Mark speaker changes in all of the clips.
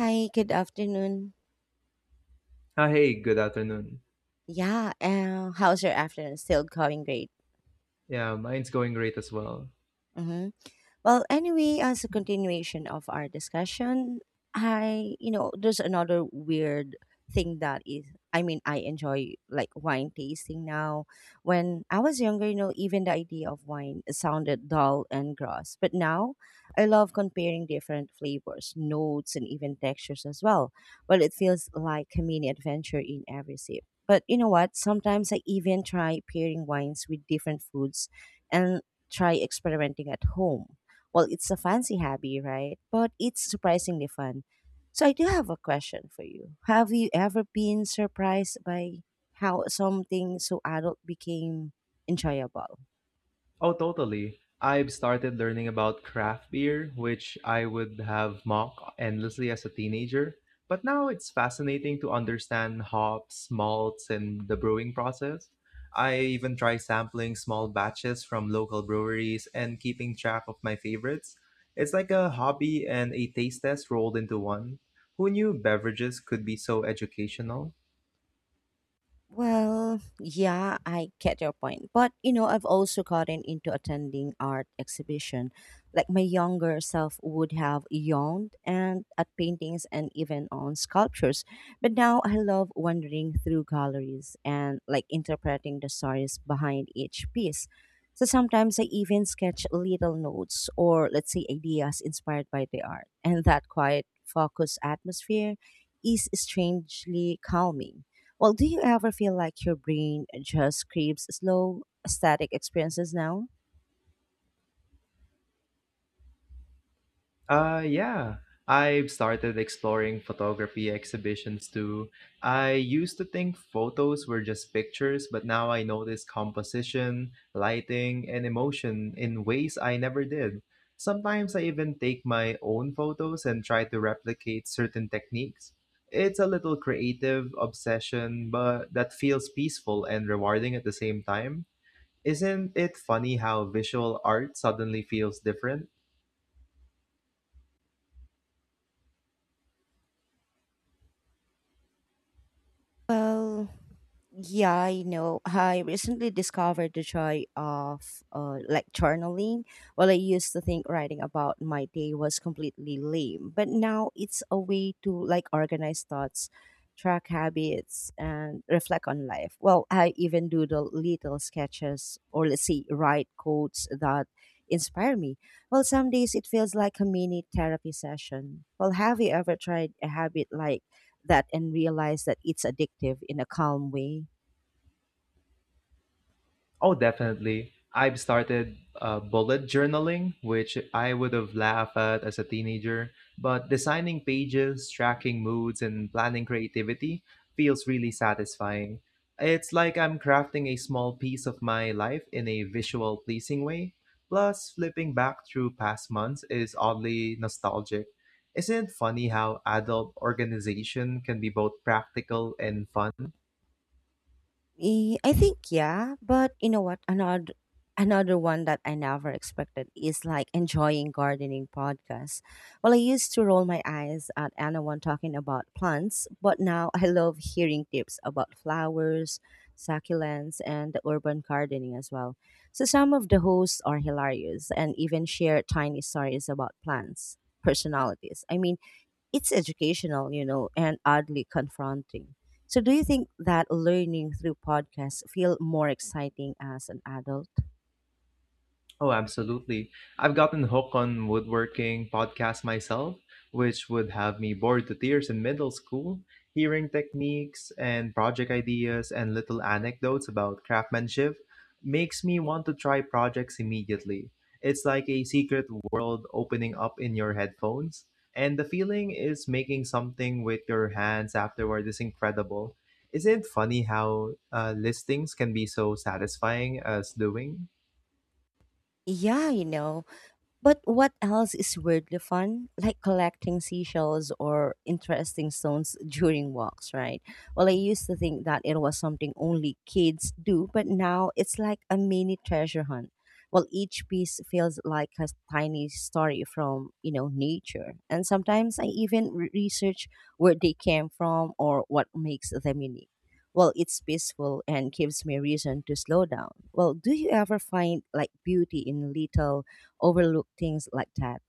Speaker 1: Hi, good afternoon.
Speaker 2: Ah, hey, good afternoon.
Speaker 1: Yeah, how's your afternoon? Still going great.
Speaker 2: Yeah, mine's going great as well.
Speaker 1: Mm-hmm. Well, anyway, as a continuation of our discussion, I, you know, there's another weird thing that is, I mean, I enjoy like wine tasting now. When I was younger, you know, even the idea of wine sounded dull and gross. But now I love comparing different flavors, notes, and even textures as well. Well, it feels like a mini adventure in every sip. But you know what? Sometimes I even try pairing wines with different foods and try experimenting at home. Well, it's a fancy hobby, right? But it's surprisingly fun. So I do have a question for you. Have you ever been surprised by how something so adult became enjoyable?
Speaker 2: Oh, totally. I've started learning about craft beer, which I would have mocked endlessly as a teenager. But now it's fascinating to understand hops, malts, and the brewing process. I even try sampling small batches from local breweries and keeping track of my favorites. It's like a hobby and a taste test rolled into one. Who knew beverages could be so educational?
Speaker 1: Well, yeah, I get your point. But, you know, I've also gotten into attending art exhibition. Like my younger self would have yawned and at paintings and even on sculptures. But now I love wandering through galleries and like interpreting the stories behind each piece. So sometimes I even sketch little notes or let's say ideas inspired by the art. And that quiet focused atmosphere is strangely calming. Well, do you ever feel like your brain just craves slow, static experiences now?
Speaker 2: Yeah. I've started exploring photography exhibitions too. I used to think photos were just pictures, but now I notice composition, lighting, and emotion in ways I never did. Sometimes I even take my own photos and try to replicate certain techniques. It's a little creative obsession, but that feels peaceful and rewarding at the same time. Isn't it funny how visual art suddenly feels different?
Speaker 1: Well, yeah, I know. I recently discovered the joy of like journaling. Well, I used to think writing about my day was completely lame, but now it's a way to like organize thoughts, track habits, and reflect on life. Well, I even do the little sketches or let's say write quotes that inspire me. Well, some days it feels like a mini therapy session. Well, have you ever tried a habit like that and realized that it's addictive in a calm way?
Speaker 2: Oh, definitely. I've started bullet journaling, which I would have laughed at as a teenager, but designing pages, tracking moods, and planning creativity feels really satisfying. It's like I'm crafting a small piece of my life in a visual, pleasing way. Plus, flipping back through past months is oddly nostalgic. Isn't it funny how adult organization can be both practical and fun?
Speaker 1: I think yeah, but you know what? Another one that I never expected is like enjoying gardening podcasts. Well, I used to roll my eyes at anyone talking about plants, but now I love hearing tips about flowers, succulents, and urban gardening as well. So some of the hosts are hilarious and even share tiny stories about plants personalities. I mean, it's educational, you know, and oddly confronting. So, do you think that learning through podcasts feel more exciting as an adult?
Speaker 2: Oh, absolutely. I've gotten hooked on woodworking podcasts myself, which would have me bored to tears in middle school, hearing techniques and project ideas and little anecdotes about craftsmanship makes me want to try projects immediately. It's like a secret world opening up in your headphones, and the feeling is making something with your hands afterward is incredible. Isn't it funny how listings can be so satisfying as doing?
Speaker 1: Yeah, you know, but what else is weirdly fun? Like collecting seashells or interesting stones during walks, right? Well, I used to think that it was something only kids do, but now it's like a mini treasure hunt. Well, each piece feels like a tiny story from, you know, nature. And sometimes I even research where they came from or what makes them unique. Well, it's peaceful and gives me reason to slow down. Well, do you ever find like beauty in little overlook things like that?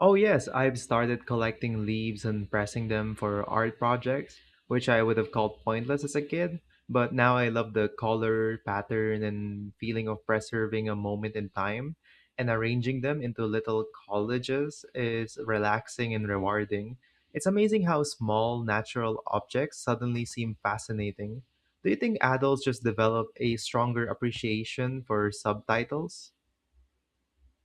Speaker 2: Oh, yes, I've started collecting leaves and pressing them for art projects, which I would have called pointless as a kid, but now I love the color, pattern, and feeling of preserving a moment in time. And arranging them into little collages is relaxing and rewarding. It's amazing how small natural objects suddenly seem fascinating. Do you think adults just develop a stronger appreciation for subtitles?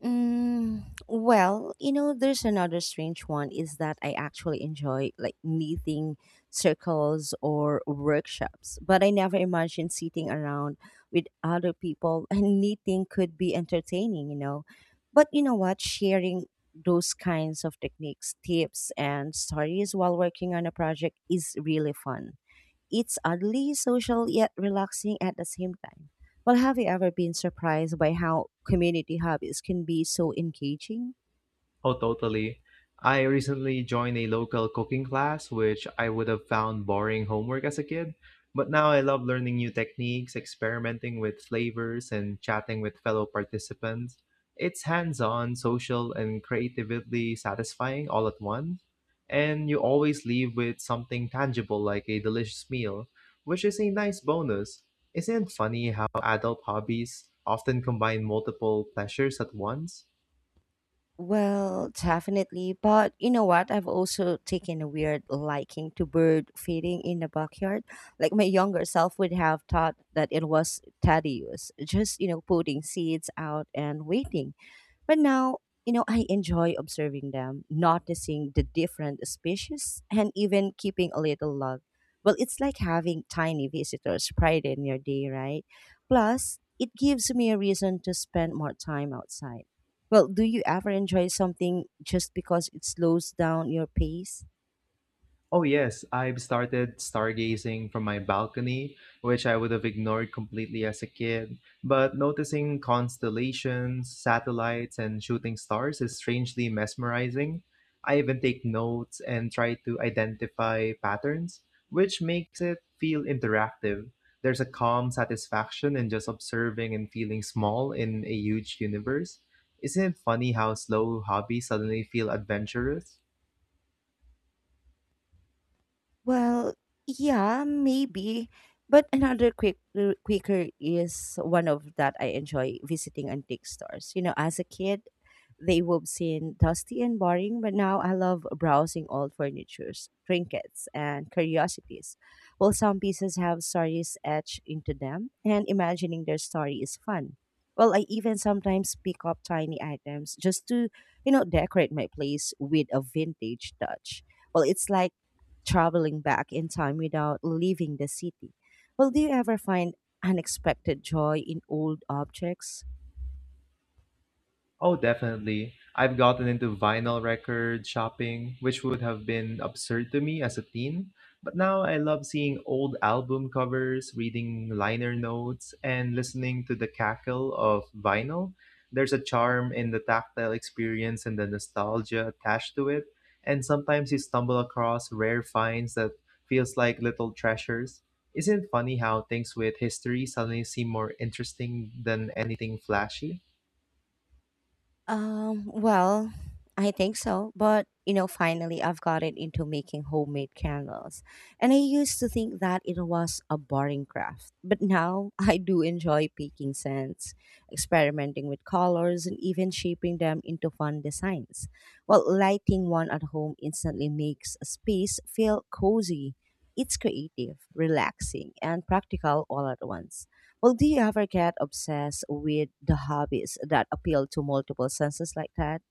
Speaker 1: Mm, well, you know, there's another strange one is that I actually enjoy like knitting circles or workshops, but I never imagined sitting around with other people and knitting could be entertaining, you know. But you know what? Sharing those kinds of techniques, tips, and stories while working on a project is really fun. It's oddly social yet relaxing at the same time. Well, have you ever been surprised by how community hobbies can be so engaging?
Speaker 2: Oh, totally. I recently joined a local cooking class, which I would have found boring homework as a kid. But now I love learning new techniques, experimenting with flavors, and chatting with fellow participants. It's hands on, social, and creatively satisfying all at once. And you always leave with something tangible like a delicious meal, which is a nice bonus. Isn't it funny how adult hobbies often combine multiple pleasures at once?
Speaker 1: Well, definitely. But you know what? I've also taken a weird liking to bird feeding in the backyard. Like my younger self would have thought that it was tedious, just, you know, putting seeds out and waiting. But now, you know, I enjoy observing them, noticing the different species, and even keeping a little log. Well, it's like having tiny visitors pride in your day, right? Plus, it gives me a reason to spend more time outside. Well, do you ever enjoy something just because it slows down your pace?
Speaker 2: Oh yes, I've started stargazing from my balcony, which I would have ignored completely as a kid. But noticing constellations, satellites, and shooting stars is strangely mesmerizing. I even take notes and try to identify patterns, which makes it feel interactive. There's a calm satisfaction in just observing and feeling small in a huge universe. Isn't it funny how slow hobbies suddenly feel adventurous?
Speaker 1: Well, yeah, maybe. But another quicker is one of that I enjoy visiting antique stores. You know, as a kid, they would seem dusty and boring, but now I love browsing old furnitures, trinkets, and curiosities. Well, some pieces have stories etched into them, and imagining their story is fun. Well, I even sometimes pick up tiny items just to, you know, decorate my place with a vintage touch. Well, it's like traveling back in time without leaving the city. Well, do you ever find unexpected joy in old objects?
Speaker 2: Oh, definitely. I've gotten into vinyl record shopping, which would have been absurd to me as a teen. But now I love seeing old album covers, reading liner notes, and listening to the cackle of vinyl. There's a charm in the tactile experience and the nostalgia attached to it. And sometimes you stumble across rare finds that feels like little treasures. Isn't it funny how things with history suddenly seem more interesting than anything flashy?
Speaker 1: Well, I think so, but you know, finally I've gotten into making homemade candles. And I used to think that it was a boring craft, but now I do enjoy picking scents, experimenting with colors, and even shaping them into fun designs. Well, lighting one at home instantly makes a space feel cozy. It's creative, relaxing, and practical all at once. Well, do you ever get obsessed with the hobbies that appeal to multiple senses like that?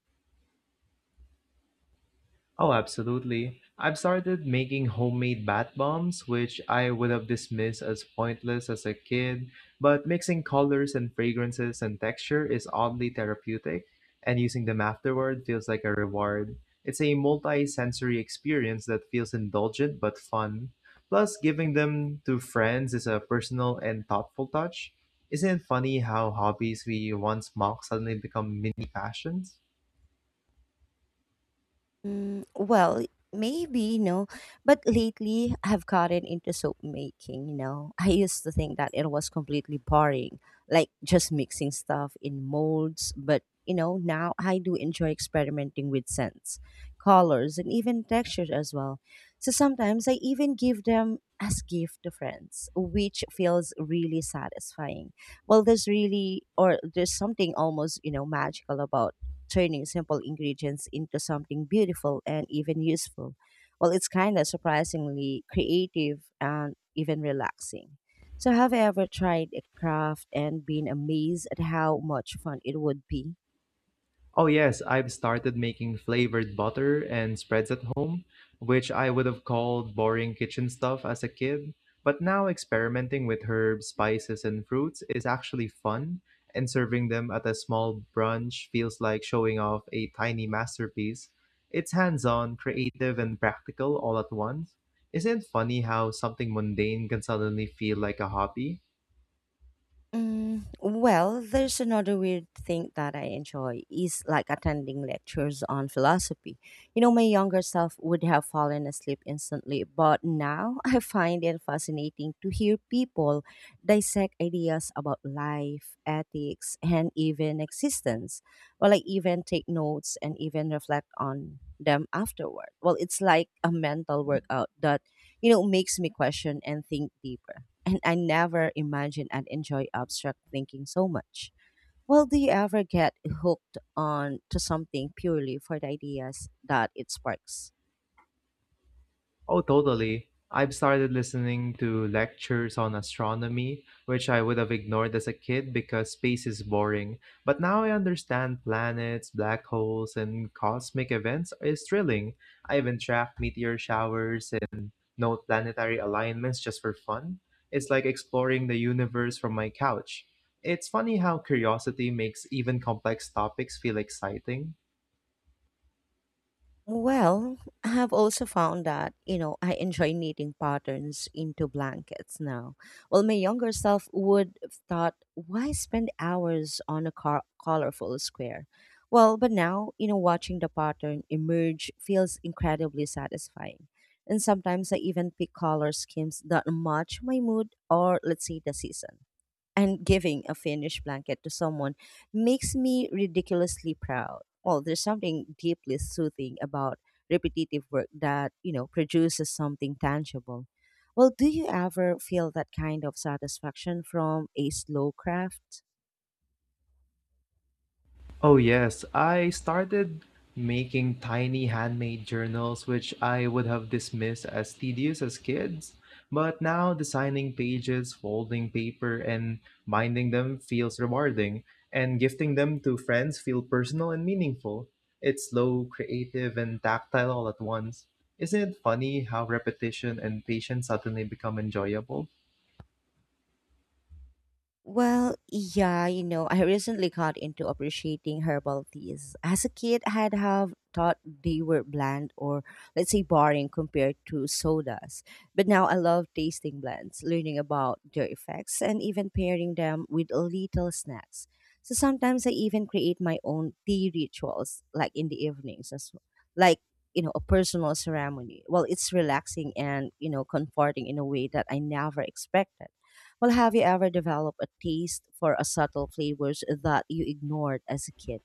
Speaker 2: Oh, absolutely. I've started making homemade bath bombs, which I would have dismissed as pointless as a kid, but mixing colors and fragrances and texture is oddly therapeutic, and using them afterward feels like a reward. It's a multi sensory experience that feels indulgent but fun. Plus, giving them to friends is a personal and thoughtful touch. Isn't it funny how hobbies we once mocked suddenly become mini passions?
Speaker 1: Mm, well, maybe, you know, but lately I've gotten into soap making, you know. I used to think that it was completely boring, like just mixing stuff in molds, but you know, now I do enjoy experimenting with scents, colors, and even textures as well. So sometimes I even give them as gift to friends, which feels really satisfying. Well, there's really or there's something almost, you know, magical about turning simple ingredients into something beautiful and even useful. Well, it's kind of surprisingly creative and even relaxing. So, have you ever tried a craft and been amazed at how much fun it would be?
Speaker 2: Oh yes, I've started making flavored butter and spreads at home, which I would have called boring kitchen stuff as a kid. But now experimenting with herbs, spices, and fruits is actually fun, and serving them at a small brunch feels like showing off a tiny masterpiece. It's hands-on, creative, and practical all at once. Isn't it funny how something mundane can suddenly feel like a hobby?
Speaker 1: Mm, well, there's another weird thing that I enjoy is like attending lectures on philosophy. You know, my younger self would have fallen asleep instantly, but now I find it fascinating to hear people dissect ideas about life, ethics, and even existence. Well, I even take notes and even reflect on them afterward. Well, it's like a mental workout that, you know, makes me question and think deeper and I never imagined I'd enjoy abstract thinking so much. Well, do you ever get hooked on to something purely for the ideas that it sparks?
Speaker 2: Oh, totally. I've started listening to lectures on astronomy, which I would have ignored as a kid because space is boring. But now I understand planets, black holes, and cosmic events is thrilling. I even track meteor showers and note planetary alignments just for fun. It's like exploring the universe from my couch. It's funny how curiosity makes even complex topics feel exciting.
Speaker 1: Well, I have also found that, you know, I enjoy knitting patterns into blankets now. Well, my younger self would have thought, why spend hours on a colorful square? Well, but now, you know, watching the pattern emerge feels incredibly satisfying. And sometimes I even pick color schemes that match my mood or, let's say, the season and giving a finished blanket to someone makes me ridiculously proud. Well, there's something deeply soothing about repetitive work that, you know, produces something tangible. Well, do you ever feel that kind of satisfaction from a slow craft?
Speaker 2: Oh, yes. I started making tiny handmade journals, which I would have dismissed as tedious as kids. But now designing pages, folding paper, and binding them feels rewarding, and gifting them to friends feel personal and meaningful. It's slow, creative, and tactile all at once. Isn't it funny how repetition and patience suddenly become enjoyable?
Speaker 1: Well, yeah, you know, I recently got into appreciating herbal teas. As a kid, I had have thought they were bland or let's say boring compared to sodas. But now I love tasting blends, learning about their effects and even pairing them with little snacks. So sometimes I even create my own tea rituals like in the evenings as well. Like, you know, a personal ceremony. Well, it's relaxing and, you know, comforting in a way that I never expected. Well, have you ever developed a taste for a subtle flavors that you ignored as a kid?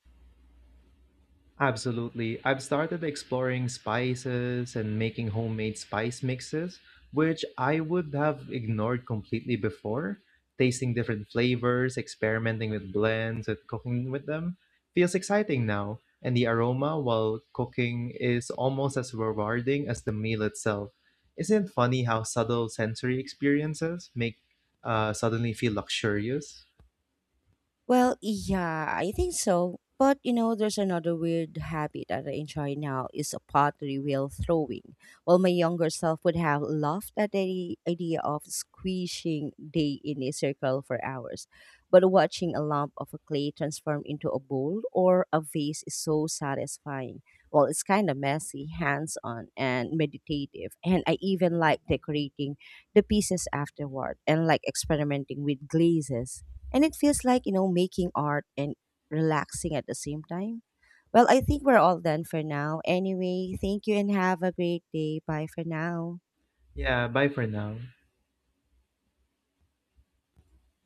Speaker 2: Absolutely. I've started exploring spices and making homemade spice mixes, which I would have ignored completely before. Tasting different flavors, experimenting with blends, and cooking with them feels exciting now. And the aroma while cooking is almost as rewarding as the meal itself. Isn't it funny how subtle sensory experiences make suddenly feel luxurious?
Speaker 1: Well, yeah, I think so. But you know, there's another weird habit that I enjoy now is a pottery wheel throwing. Well, my younger self would have laughed at the idea of squishing day in a circle for hours. But watching a lump of a clay transform into a bowl or a vase is so satisfying. Well, it's kind of messy, hands on, and meditative. And I even like decorating the pieces afterward and like experimenting with glazes and it feels like, you know, making art and relaxing at the same time. Well, I think we're all done for now. Anyway, thank you and have a great day. Bye for now.
Speaker 2: Yeah, bye for now.